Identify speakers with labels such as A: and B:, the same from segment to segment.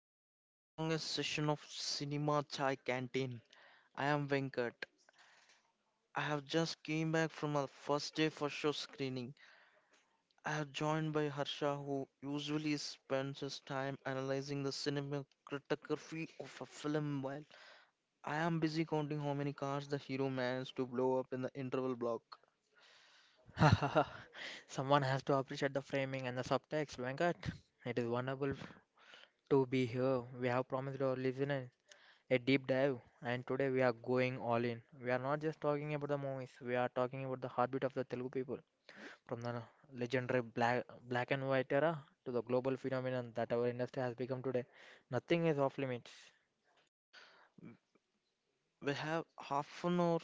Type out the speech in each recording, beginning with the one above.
A: Welcome to the longest session of Cinema Chai Canteen. I am Venkat. I have just came back from a first day for show screening. I have joined by Harsha who usually spends his time analyzing the cinematography of a film while I am busy counting how many cars the hero managed to blow up in the interval block.
B: Someone has to appreciate the framing and the subtext, Venkat. It is wonderful to be here. We have promised our listeners a deep dive, and today we are going all in. We are not just talking about the movies, we are talking about the heartbeat of the Telugu people, from the legendary black and white era to the global phenomenon that our industry has become today. Nothing is off limits.
A: We have half an hour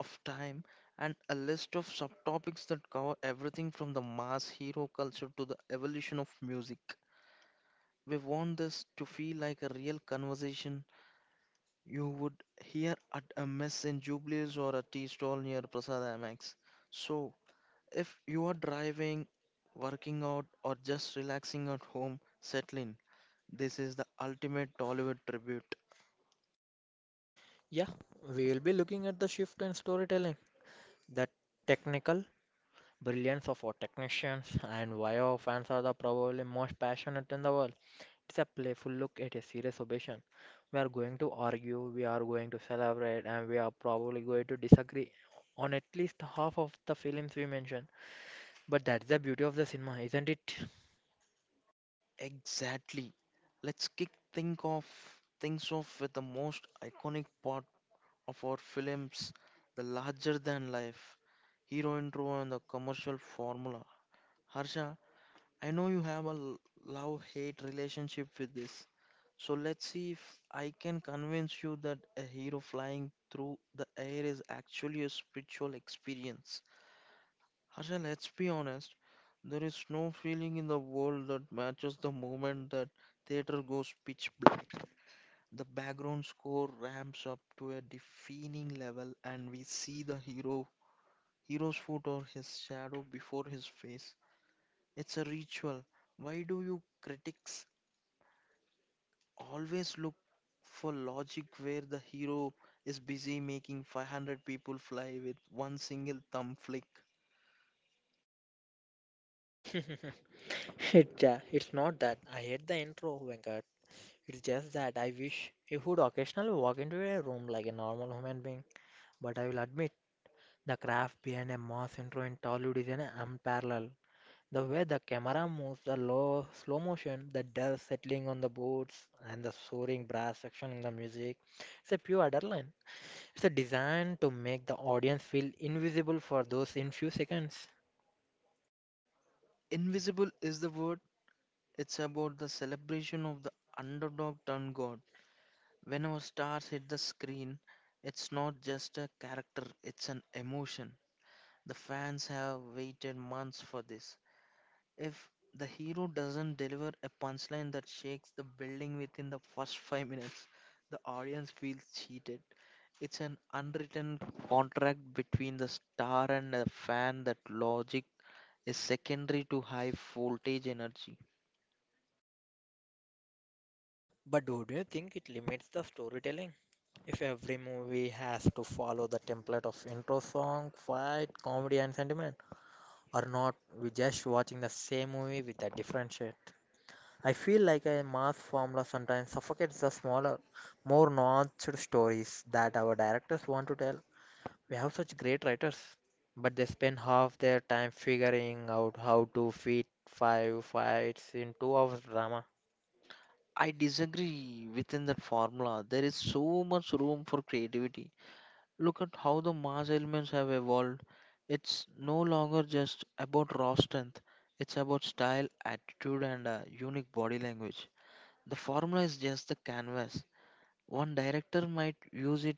A: of time and a list of subtopics that cover everything from the mass hero culture to the evolution of music. We want this to feel like a real conversation you would hear at a mess in Jubilees or a tea stall near Prasad IMAX. So, if you are driving, working out, or just relaxing at home, settle in. This is the ultimate Tollywood tribute.
B: Yeah, we will be looking at the shift in storytelling, the technical brilliance of our technicians, and why our fans are the probably most passionate in the world. It's a playful look at a serious obsession. We are going to argue, we are going to celebrate, and we are probably going to disagree on at least half of the films we mentioned. But that's the beauty of the cinema, isn't it?
A: Exactly. Let's kick think of things off with the most iconic part of our films, the larger than life hero intro and the commercial formula. Harsha, I know you have a love hate relationship with this. So let's see if I can convince you that a hero flying through the air is actually a spiritual experience. Harsha, let's be honest. There is no feeling in the world that matches the moment that theater goes pitch black. The background score ramps up to a deafening level and we see the hero's foot or his shadow before his face. It's a ritual. Why do you critics always look for logic where the hero is busy making 500 people fly with one single thumb flick?
B: It's not that I hate the intro, Venkat. It's just that I wish you would occasionally walk into a room like a normal human being. But I will admit, the craft behind a mass intro in Tollywood is an unparalleled. The way the camera moves, the low slow motion, the dust settling on the boards, and the soaring brass section in the music, it's a pure adrenaline. It's a design to make the audience feel invisible for those in few seconds.
A: Invisible is the word. It's about the celebration of the underdog turned god. When our stars hit the screen, it's not just a character, it's an emotion. The fans have waited months for this. If the hero doesn't deliver a punchline that shakes the building within the first 5 minutes, the audience feels cheated. It's an unwritten contract between the star and the fan that logic is secondary to high voltage energy.
B: But do you think it limits the storytelling? If every movie has to follow the template of intro song, fight, comedy, and sentiment, or not, we just watching the same movie with a different shade. I feel like a mass formula sometimes suffocates the smaller, more nuanced stories that our directors want to tell. We have such great writers, but they spend half their time figuring out how to fit five fights in 2 hours drama.
A: I disagree within that formula. There is so much room for creativity. Look at how the mass elements have evolved. It's no longer just about raw strength, it's about style, attitude, and a unique body language. The formula is just the canvas. One director might use it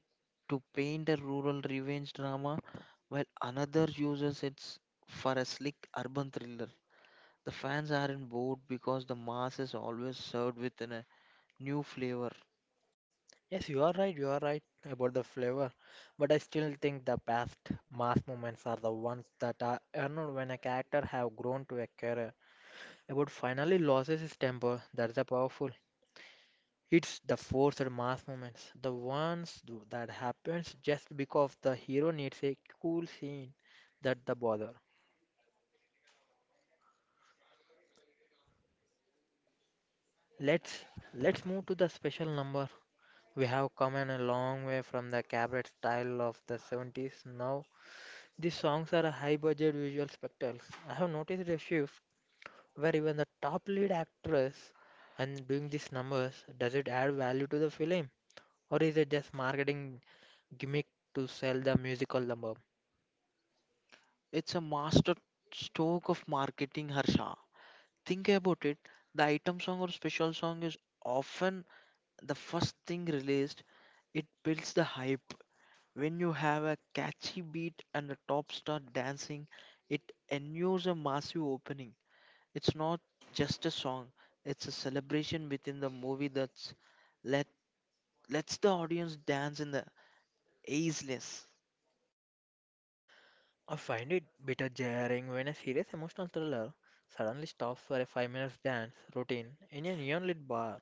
A: to paint a rural revenge drama, while another uses it for a slick urban thriller. The fans aren't bored because the mass is always served with a new flavor.
B: Yes, you are right about the flavor, but I still think the best mass moments are the ones that are earned when a character have grown to a career. About finally loses his temper, that's a powerful. It's the forced mass moments, the ones that happens just because the hero needs a cool scene that the bother. Let's let's move to the special number. We have come in a long way from the cabaret style of the 70s. Now these songs are a high budget visual spectacles. I have noticed a shift where even the top lead actress and doing these numbers, does it add value to the film? Or is it just marketing gimmick to sell the musical number?
A: It's a master stroke of marketing, Harsha. Think about it, the item song or special song is often the first thing released. It builds the hype. When you have a catchy beat and a top star dancing, it ensures a massive opening. It's not just a song, it's a celebration within the movie that's let lets the audience dance in the ageless.
B: I find it bit jarring when a serious emotional thriller suddenly stops for a 5 minutes dance routine in a neon lit bar.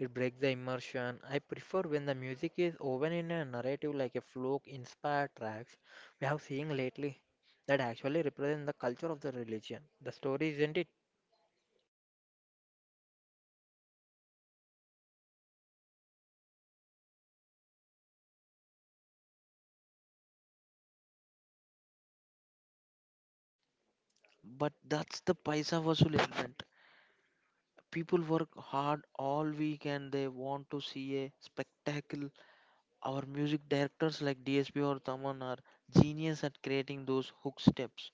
B: It breaks the immersion. I prefer when the music is woven in a narrative like a folk inspired tracks we have seen lately that actually represent the culture of the religion. The story isn't it?
A: But that's the paisa vasool element. People work hard all week and they want to see a spectacle. Our music directors like DSP or Taman are genius at creating those hook steps.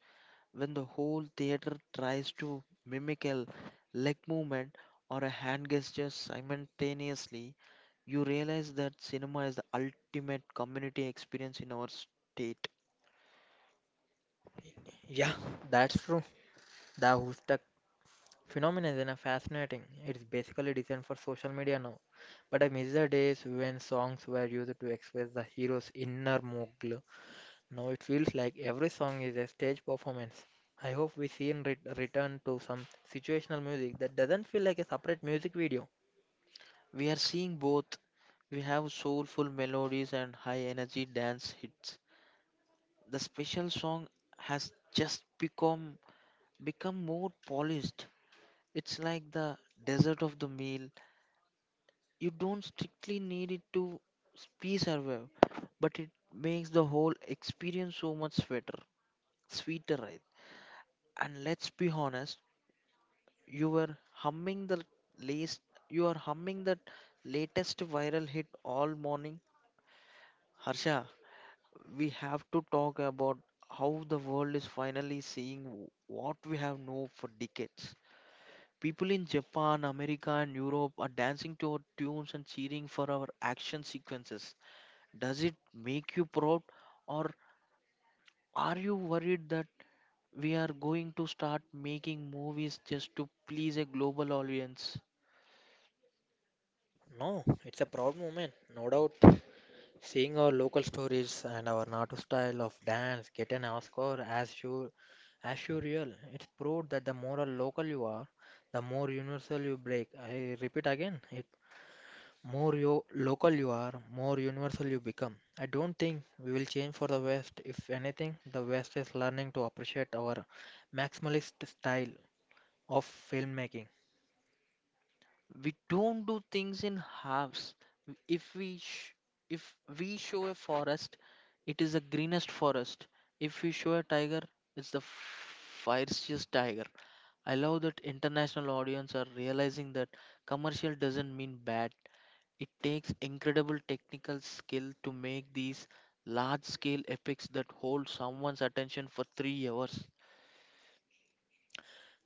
A: When the whole theater tries to mimic a leg movement or a hand gesture simultaneously, you realize that cinema is the ultimate community experience in our state.
B: Yeah, that's true. The Hoostak phenomenon is a fascinating. It's basically designed for social media now. But I miss the days when songs were used to express the hero's inner monologue. Now it feels like every song is a stage performance. I hope we soon return to some situational music that doesn't feel like a separate music video.
A: We are seeing both. We have soulful melodies and high energy dance hits. The special song has just become more polished. It's like the dessert of the meal. You don't strictly need it to be survive, but it makes the whole experience so much sweeter, right? And let's be honest, you were humming the latest, you are humming that latest viral hit all morning. Harsha, we have to talk about how the world is finally seeing what we have known for decades. People in Japan, America, and Europe are dancing to our tunes and cheering for our action sequences. Does it make you proud, or are you worried that we are going to start making movies just to please a global audience?
B: No, it's a proud moment, no doubt. Seeing our local stories and our Natu style of dance get an Oscar as sure real. It's proved that the more a local you are, the more universal you break. I repeat again, it. More local you are, more universal you become. I don't think we will change for the West. If anything, the West is learning to appreciate our maximalist style of filmmaking.
A: We don't do things in halves. If we sh- if we show a forest, it is the greenest forest. If we show a tiger, it's the fiercest tiger. I love that international audience are realizing that commercial doesn't mean bad. It takes incredible technical skill to make these large scale epics that hold someone's attention for 3 hours.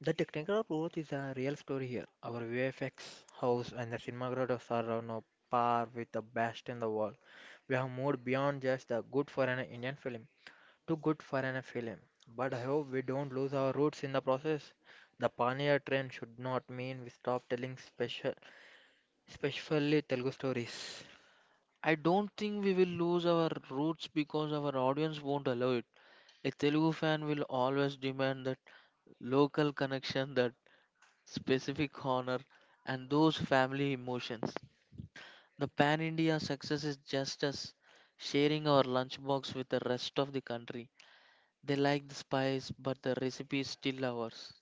B: The technical approach is a real story here. Our VFX house and the cinematographers are on a par with the best in the world. We have moved beyond just the good for an Indian film to good for an film. But I hope we don't lose our roots in the process. The pioneer trend should not mean we stop telling special especially Telugu stories.
A: I don't think we will lose our roots because our audience won't allow it. A Telugu fan will always demand that local connection, that specific honor, and those family emotions. The pan India success is just us sharing our lunchbox with the rest of the country. They like the spice, but the recipe is still ours.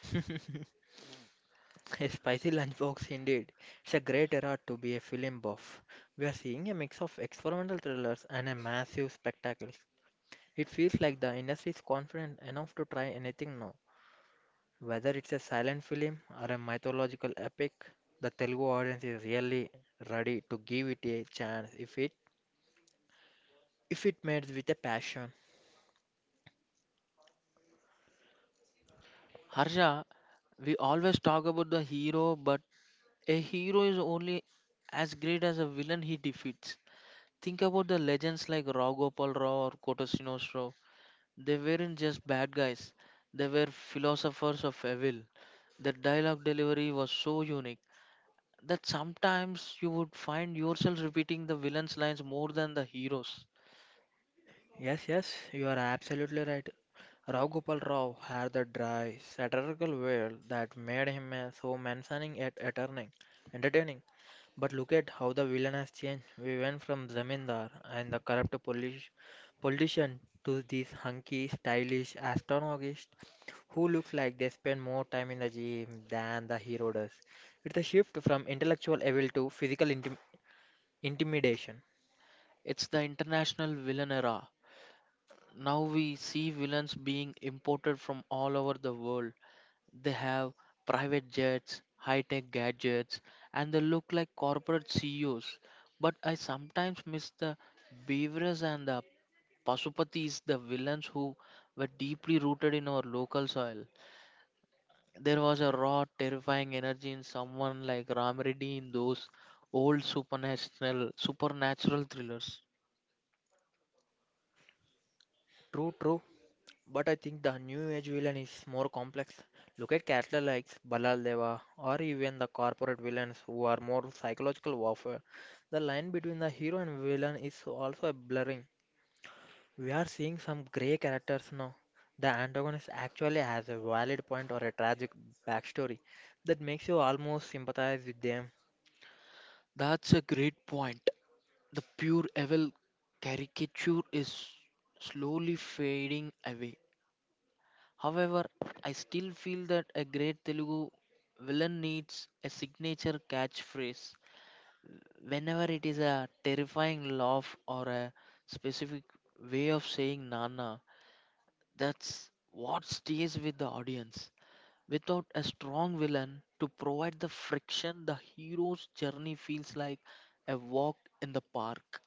B: A spicy lunchbox indeed. It's a great era to be a film buff. We are seeing a mix of experimental thrillers and a massive spectacle. It feels like the industry is confident enough to try anything now. Whether it's a silent film or a mythological epic, the Telugu audience is really ready to give it a chance if it made with a passion.
A: Harsha, we always talk about the hero, but a hero is only as great as a villain he defeats. Think about the legends like Rao Gopal Rao or Kotasino's Rao. They weren't just bad guys, they were philosophers of evil. Their dialogue delivery was so unique that sometimes you would find yourself repeating the villain's lines more than the heroes.
B: Yes, yes, you are absolutely right. Rao Gopal Rao had the dry, satirical veil that made him so menacing yet entertaining. But look at how the villain has changed. We went from Zamindar and the corrupt politician to this hunky, stylish astronomist who looks like they spend more time in the gym than the hero does. It's a shift from intellectual evil to physical intimidation.
A: It's the international villain era. Now we see villains being imported from all over the world. They have private jets, high tech gadgets, and they look like corporate CEOs. But I sometimes miss the beavers and the Pasupatis, the villains who were deeply rooted in our local soil. There was a raw, terrifying energy in someone like Ram Reddy in those old supernatural thrillers.
B: True, true. But I think the new age villain is more complex. Look at characters like Balal Deva or even the corporate villains who are more psychological warfare. The line between the hero and villain is also a blurring. We are seeing some grey characters now. The antagonist actually has a valid point or a tragic backstory that makes you almost sympathize with them.
A: That's a great point. The pure evil caricature is slowly fading away. However, I still feel that a great Telugu villain needs a signature catchphrase. Whenever it is a terrifying laugh or a specific way of saying Nana, that's what stays with the audience. Without a strong villain to provide the friction, the hero's journey feels like a walk in the park.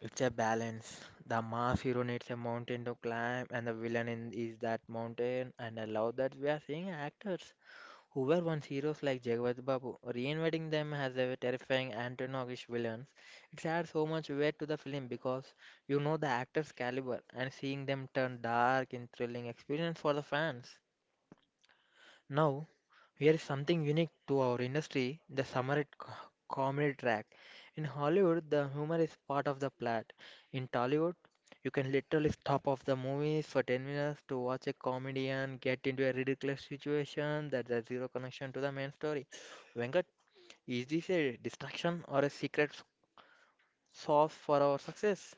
B: It's a balance. The mass hero needs a mountain to climb, and the villain in, is that mountain. And I love that we are seeing actors who were once heroes like Jagat Babu. Reinventing them as a terrifying antagonish villains, it adds so much weight to the film because you know the actors' caliber and seeing them turn dark in thrilling experience for the fans. Now, here is something unique to our industry the summer at comedy track. In Hollywood, the humor is part of the plot. In Tollywood, you can literally stop off the movies for 10 minutes to watch a comedian get into a ridiculous situation that has zero connection to the main story. Venkat, is this a distraction or a secret sauce for our success?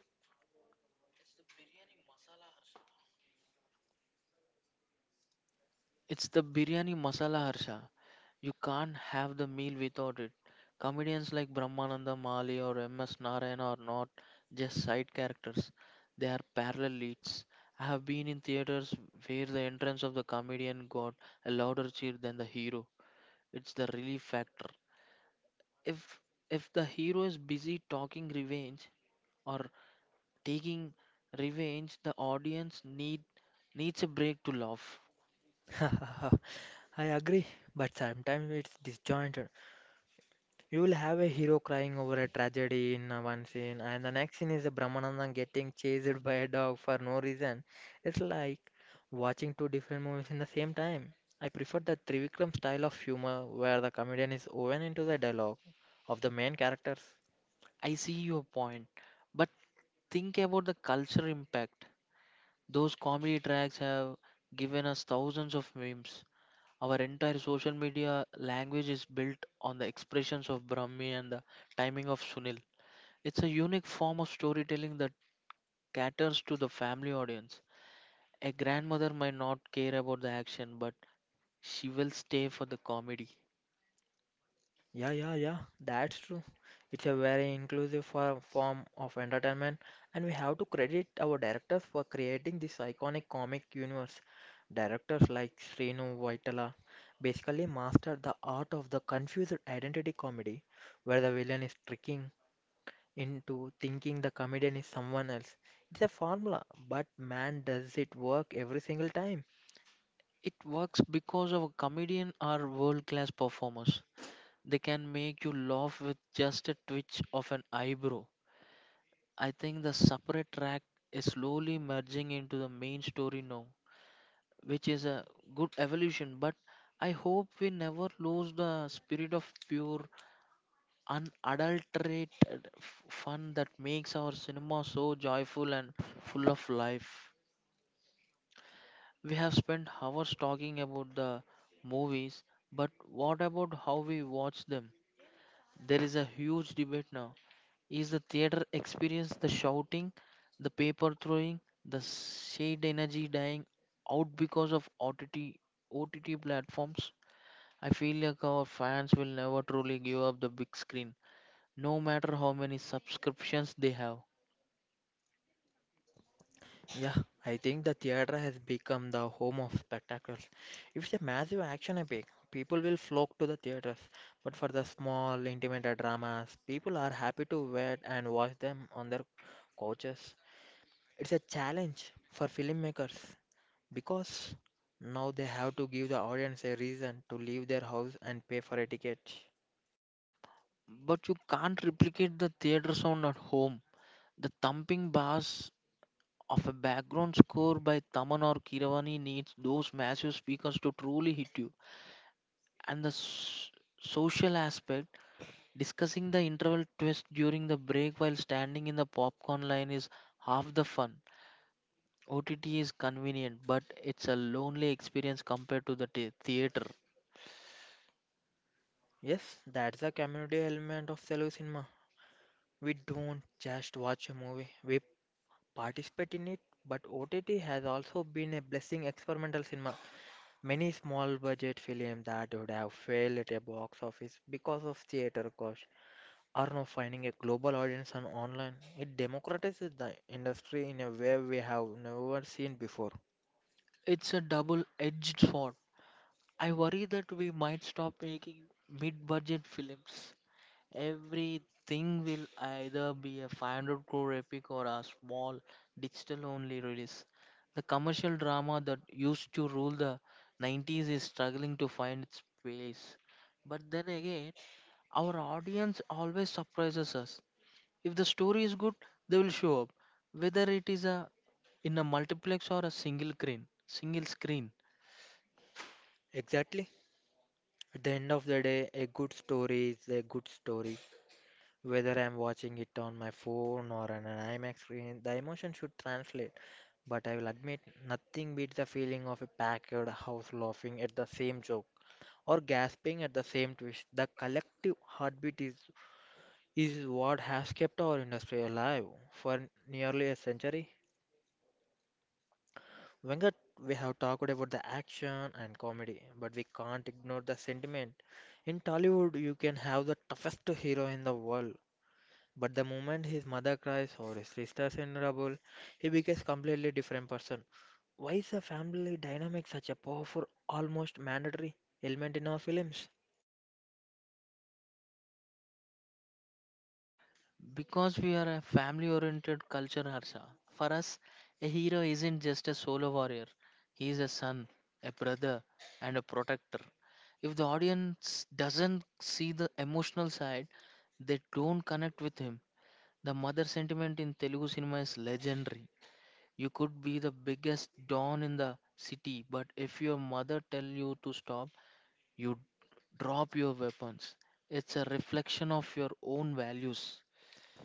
A: It's the biryani masala harsha. You can't have the meal without it. Comedians like Brahmananda Mali or MS Narayan are not just side characters, they are parallel leads. I have been in theaters where the entrance of the comedian got a louder cheer than the hero. It's the relief factor. if if the hero is busy talking revenge or taking revenge, the audience needs a break to laugh.
B: I agree, but sometimes it's disjointed. You will have a hero crying over a tragedy in one scene, and the next scene is a Brahmananda getting chased by a dog for no reason. It's like watching two different movies in the same time. I prefer the Trivikram style of humor where the comedian is woven into the dialogue of the main characters.
A: I see your point, but think about the cultural impact those comedy tracks have given us. Thousands of memes, our entire social media language is built on the expressions of brahmi and the timing of sunil. It's a unique form of storytelling that caters to the family audience. A grandmother might not care about the action, but she will stay for the comedy.
B: Yeah, yeah, yeah, that's true. It's a very inclusive form of entertainment, and we have to credit our directors for creating this iconic comic universe. Directors like Srinu Vaitala basically mastered the art of the confused identity comedy, where the villain is tricking into thinking the comedian is someone else. It's a formula, but man, does it work every single time.
A: It works because our comedian are world class performers. They can make you laugh with just a twitch of an eyebrow. I think the separate track is slowly merging into the main story now, which is a good evolution, but I hope we never lose the spirit of pure, unadulterated fun that makes our cinema so joyful and full of life. We have spent hours talking about the movies, but what about how we watch them? There is a huge debate now. Is the theater experience, the shouting, the paper throwing, the shade energy dying out because of OTT platforms? I feel like our fans will never truly give up the big screen, no matter how many subscriptions they have.
B: Yeah, I think the theater has become the home of spectacles. If it's a massive action epic, people will flock to the theaters. But for the small, intimate dramas, people are happy to wait and watch them on their couches. It's a challenge for filmmakers because now they have to give the audience a reason to leave their house and pay for a ticket.
A: But you can't replicate the theater sound at home. The thumping bass of a background score by Taman or Kiravani needs those massive speakers to truly hit you. And the social aspect, discussing the interval twist during the break while standing in the popcorn line is half the fun. OTT is convenient, but it's a lonely experience compared to the theater.
B: Yes, that's the community element of Telugu cinema. We don't just watch a movie, we participate in it, but OTT has also been a blessing experimental cinema. Many small budget films that would have failed at a box office because of theater costs are now finding a global audience on online. It democratizes the industry in a way we have never seen before.
A: It's a double edged sword. I worry that we might stop making mid budget films. Everything will either be a 500 crore epic or a small digital only release. The commercial drama that used to rule the 90s is struggling to find its place. But then again, our audience always surprises us. If the story is good, they will show up, whether it is a in a multiplex or a Single screen.
B: Exactly. At the end of the day, a good story is a good story. Whether I'm watching it on my phone or on an IMAX screen, the emotion should translate. But I will admit, nothing beats the feeling of a packed house laughing at the same joke or gasping at the same twist. The collective heartbeat is what has kept our industry alive for nearly a century. Venkat, we have talked about the action and comedy, but we can't ignore the sentiment. In Tollywood, you can have the toughest hero in the world. But the moment his mother cries or his sister's in trouble, he becomes completely different person. Why is the family dynamic such a powerful, almost mandatory element in our films?
A: Because we are a family oriented culture, Harsha. For us, a hero isn't just a solo warrior, he is a son, a brother, and a protector. If the audience doesn't see the emotional side, they don't connect with him. The mother sentiment in Telugu cinema is legendary. You could be the biggest don in the city, but if your mother tell you to stop, you drop your weapons. It's a reflection of your own values.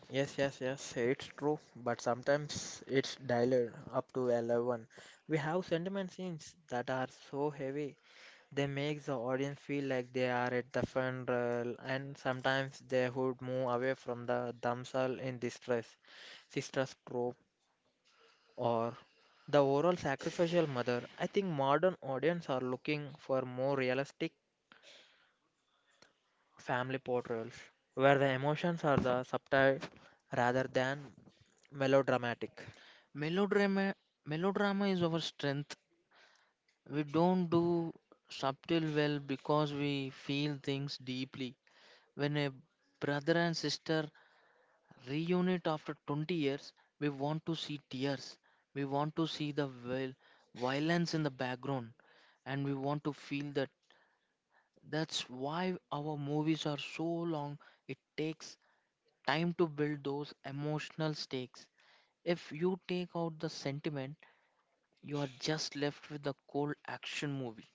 B: Yes, yes, yes, it's true, but sometimes it's dialed up to 11. We have sentiment scenes that are so heavy, they make the audience feel like they are at the funeral, and sometimes they would move away from the themselves in distress. Sister's trope or the overall sacrificial mother, I think modern audience are looking for more realistic family portrayals where the emotions are the subtle rather than melodramatic.
A: Melodrama Melodrama is our strength. We don't do subtle well because we feel things deeply. When a brother and sister reunite after 20 years, we want to see tears. We want to see the violence in the background and we want to feel that. That's why our movies are so long. It takes time to build those emotional stakes. If you take out the sentiment, you are just left with a cold action movie.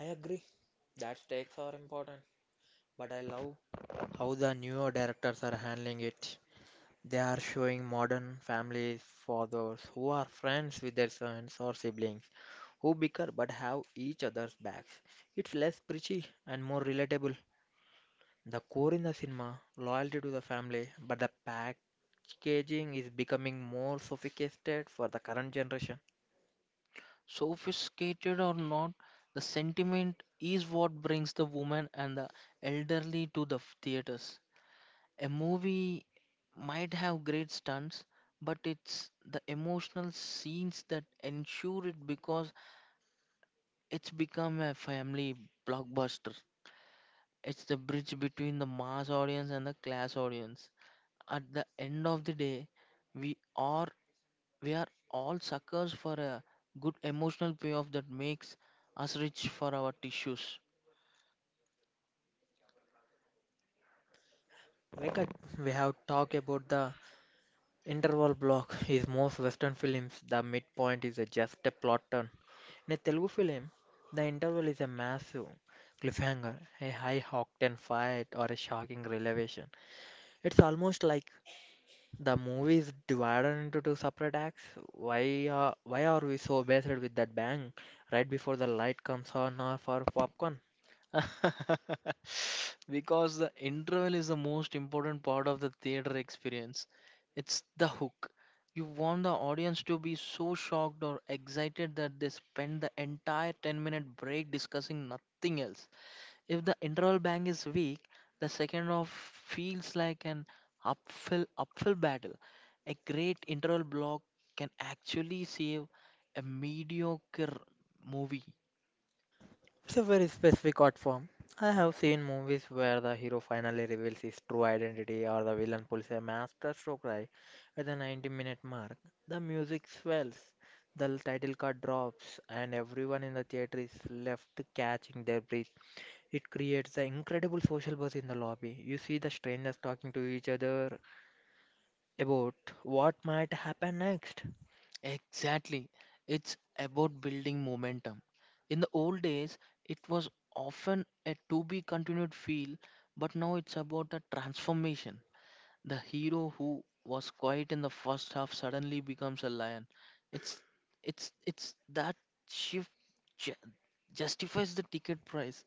B: I agree that stakes are important, but I love how the newer directors are handling it. They are showing modern families for those who are friends with their sons or siblings who bicker but have each other's backs. It's less preachy and more relatable. The core in the cinema, loyalty to the family, but the packaging is becoming more sophisticated for the current generation.
A: Sophisticated or not, the sentiment is what brings the woman and the elderly to the theaters. A movie might have great stunts, but it's the emotional scenes that ensure it because it's become a family blockbuster. It's the bridge between the mass audience and the class audience. At the end of the day, we are we are all suckers for a good emotional payoff that makes us rich for our tissues.
B: Venkat, we have talked about the interval block is most Western films. The midpoint is a just a plot turn. In a Telugu film, the interval is a massive cliffhanger, a high octane fight, or a shocking revelation. It's almost like the movie is divided into two separate acts. Why are we so based with that bang right before the light comes on for popcorn?
A: Because the interval is the most important part of the theater experience. It's the hook. You want the audience to be so shocked or excited that they spend the entire 10-minute break discussing nothing else. If the interval bank is weak, the second half feels like an uphill battle. A great interval block can actually save a mediocre movie.
B: It's a very specific art form. I have seen movies where the hero finally reveals his true identity or the villain pulls a masterstroke right at the 90-minute mark. The music swells, the title card drops, and everyone in the theater is left catching their breath. It creates an incredible social buzz in the lobby. You see the strangers talking to each other about what might happen next.
A: Exactly. It's about building momentum. In the old days, it was often a to be continued feel, but now it's about a transformation. The hero who was quiet in the first half suddenly becomes a lion. It's it's that shift ju- justifies the ticket price.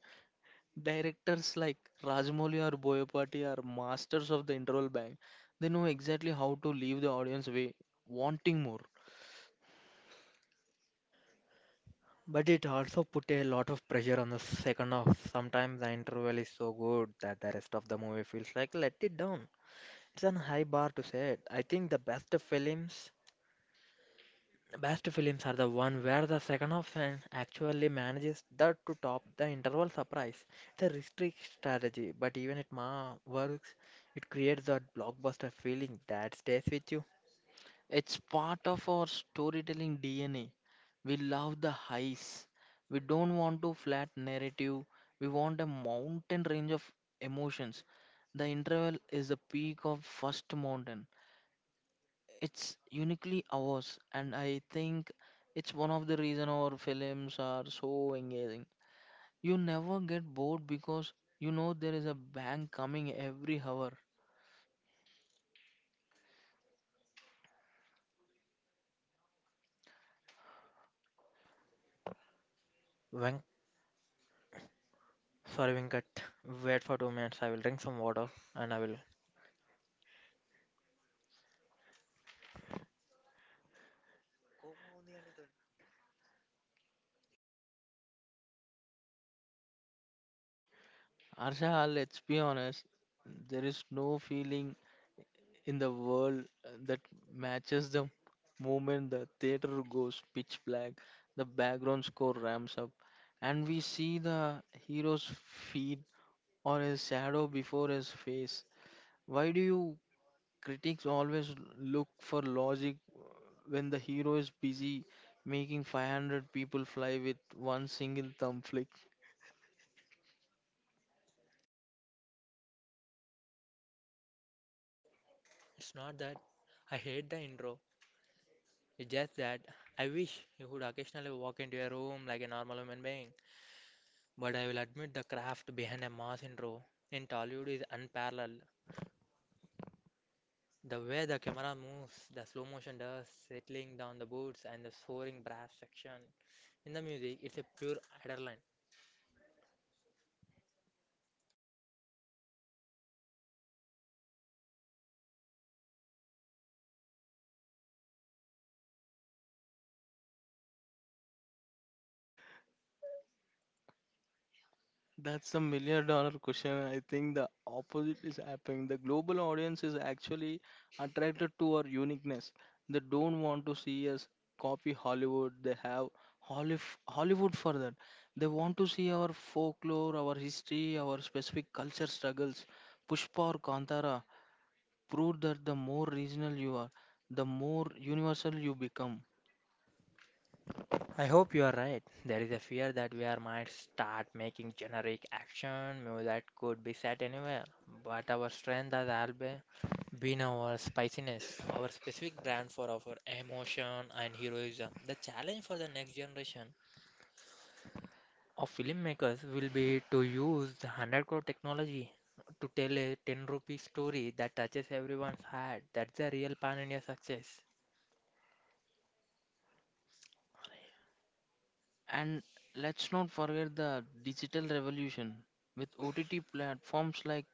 A: Directors like Rajamouli or Boyapati are masters of the interval bang. They know exactly how to leave the audience way wanting more.
B: But it also put a lot of pressure on the second half. Sometimes the interval is so good that the rest of the movie feels like let it down. It's an high bar to set. I think best films are the one where the second half and actually manages that to top the interval surprise. It's a restrict strategy, but even it ma works. It creates that blockbuster feeling that stays with you.
A: It's part of our storytelling DNA. We love the highs. We don't want to flat narrative. We want a mountain range of emotions. The interval is the peak of first mountain. It's uniquely ours, and I think it's one of the reason our films are so engaging. You never get bored because you know there is a bang coming every hour.
B: When Sorry, Venkat. Wait for 2 minutes. I will drink some water and I will.
A: Arsha, let's be honest, there is no feeling in the world that matches the moment the theater goes pitch black, the background score ramps up, and we see the hero's feet or his shadow before his face. Why do you critics always look for logic when the hero is busy making 500 people fly with one single thumb flick?
B: It's not that I hate the intro, it's just that I wish you could occasionally walk into a room like a normal human being. But I will admit the craft behind a mass intro in Tollywood is unparalleled. The way the camera moves, the slow motion does, settling down the boots, and the soaring brass section in the music, it's a pure adrenaline.
A: That's the $1 million question. I think the opposite is happening. The global audience is actually attracted to our uniqueness. They don't want to see us copy Hollywood. They have Hollywood for that. They want to see our folklore, our history, our specific culture struggles. Pushpa or Kantara prove that the more regional you are, the more universal you become.
B: I hope you are right. There is a fear that we are might start making generic action movies that could be set anywhere. But our strength has always been our spiciness, our specific brand for our emotion and heroism. The challenge for the next generation of filmmakers will be to use the 100 crore technology to tell a 10 rupee story that touches everyone's heart. That's the real pan India success.
A: And let's not forget the digital revolution. With OTT platforms like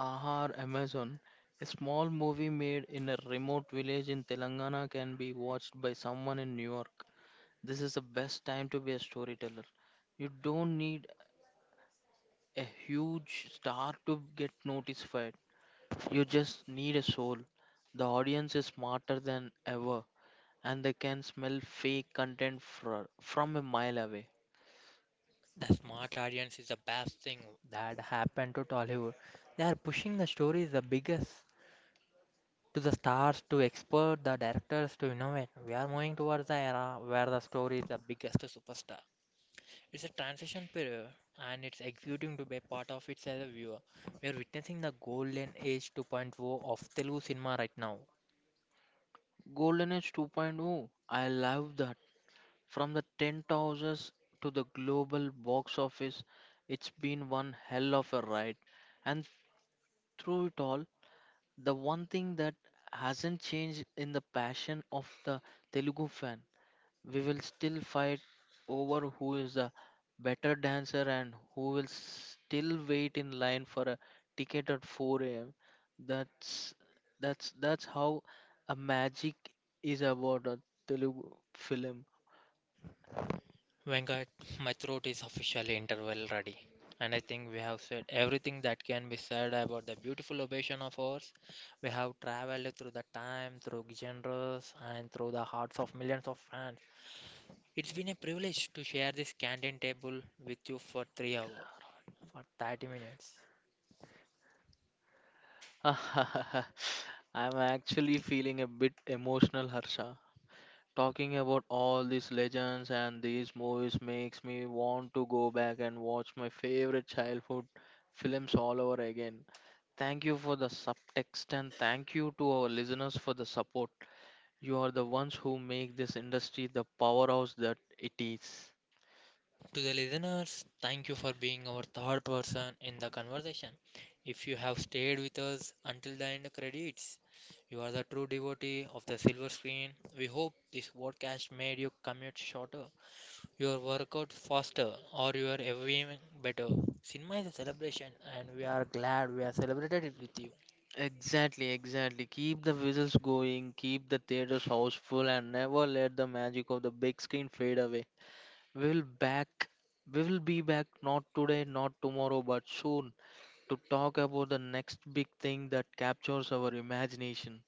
A: Ahar Amazon, a small movie made in a remote village in Telangana can be watched by someone in New York. This is the best time to be a storyteller. You don't need a huge star to get notified. You just need a soul. The audience is smarter than ever, and they can smell fake content from a mile away.
B: The smart audience is the best thing that happened to Tollywood. They are pushing the stories the biggest to the stars to expert the directors to innovate. We are moving towards the era where the story is the biggest superstar. It's a transition period and it's exciting to be part of it as a viewer. We are witnessing the golden age 2.0 of Telugu cinema right now.
A: Golden Age 2.0. I love that. From the tent houses to the global box office, it's been one hell of a ride. And through it all, the one thing that hasn't changed in the passion of the Telugu fan, we will still fight over who is the better dancer and who will still wait in line for a ticket at 4 a.m. That's that's how a magic is about a Telugu film.
B: Venkat, my throat is officially interval ready, and I think we have said everything that can be said about the beautiful ovation of ours. We have traveled through the time, through genres, and through the hearts of millions of fans. It's been a privilege to share this canteen table with you for 3 hours, for 30 minutes.
A: I'm actually feeling a bit emotional, Harsha. Talking about all these legends and these movies makes me want to go back and watch my favorite childhood films all over again. Thank you for the subtext and thank you to our listeners for the support. You are the ones who make this industry the powerhouse that it is.
B: To the listeners, thank you for being our third person in the conversation. If you have stayed with us until the end credits, you are the true devotee of the silver screen. We hope this podcast made your commute shorter, your workout faster, or your everything better. Cinema is a celebration, and we are glad we are celebrated it with you.
A: Exactly, exactly. Keep the whistles going, keep the theaters houseful, and never let the magic of the big screen fade away. We'll back we will be back, not today, not tomorrow, but soon, to talk about the next big thing that captures our imagination.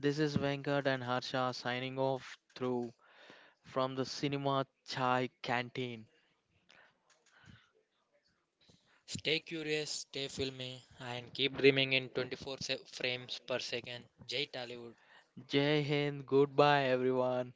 A: This is Venkat and Harsha signing off through from the cinema chai canteen.
B: Stay curious, stay filmy, and keep dreaming in frames per second. Jai Tollywood.
A: Jai Hind, goodbye everyone.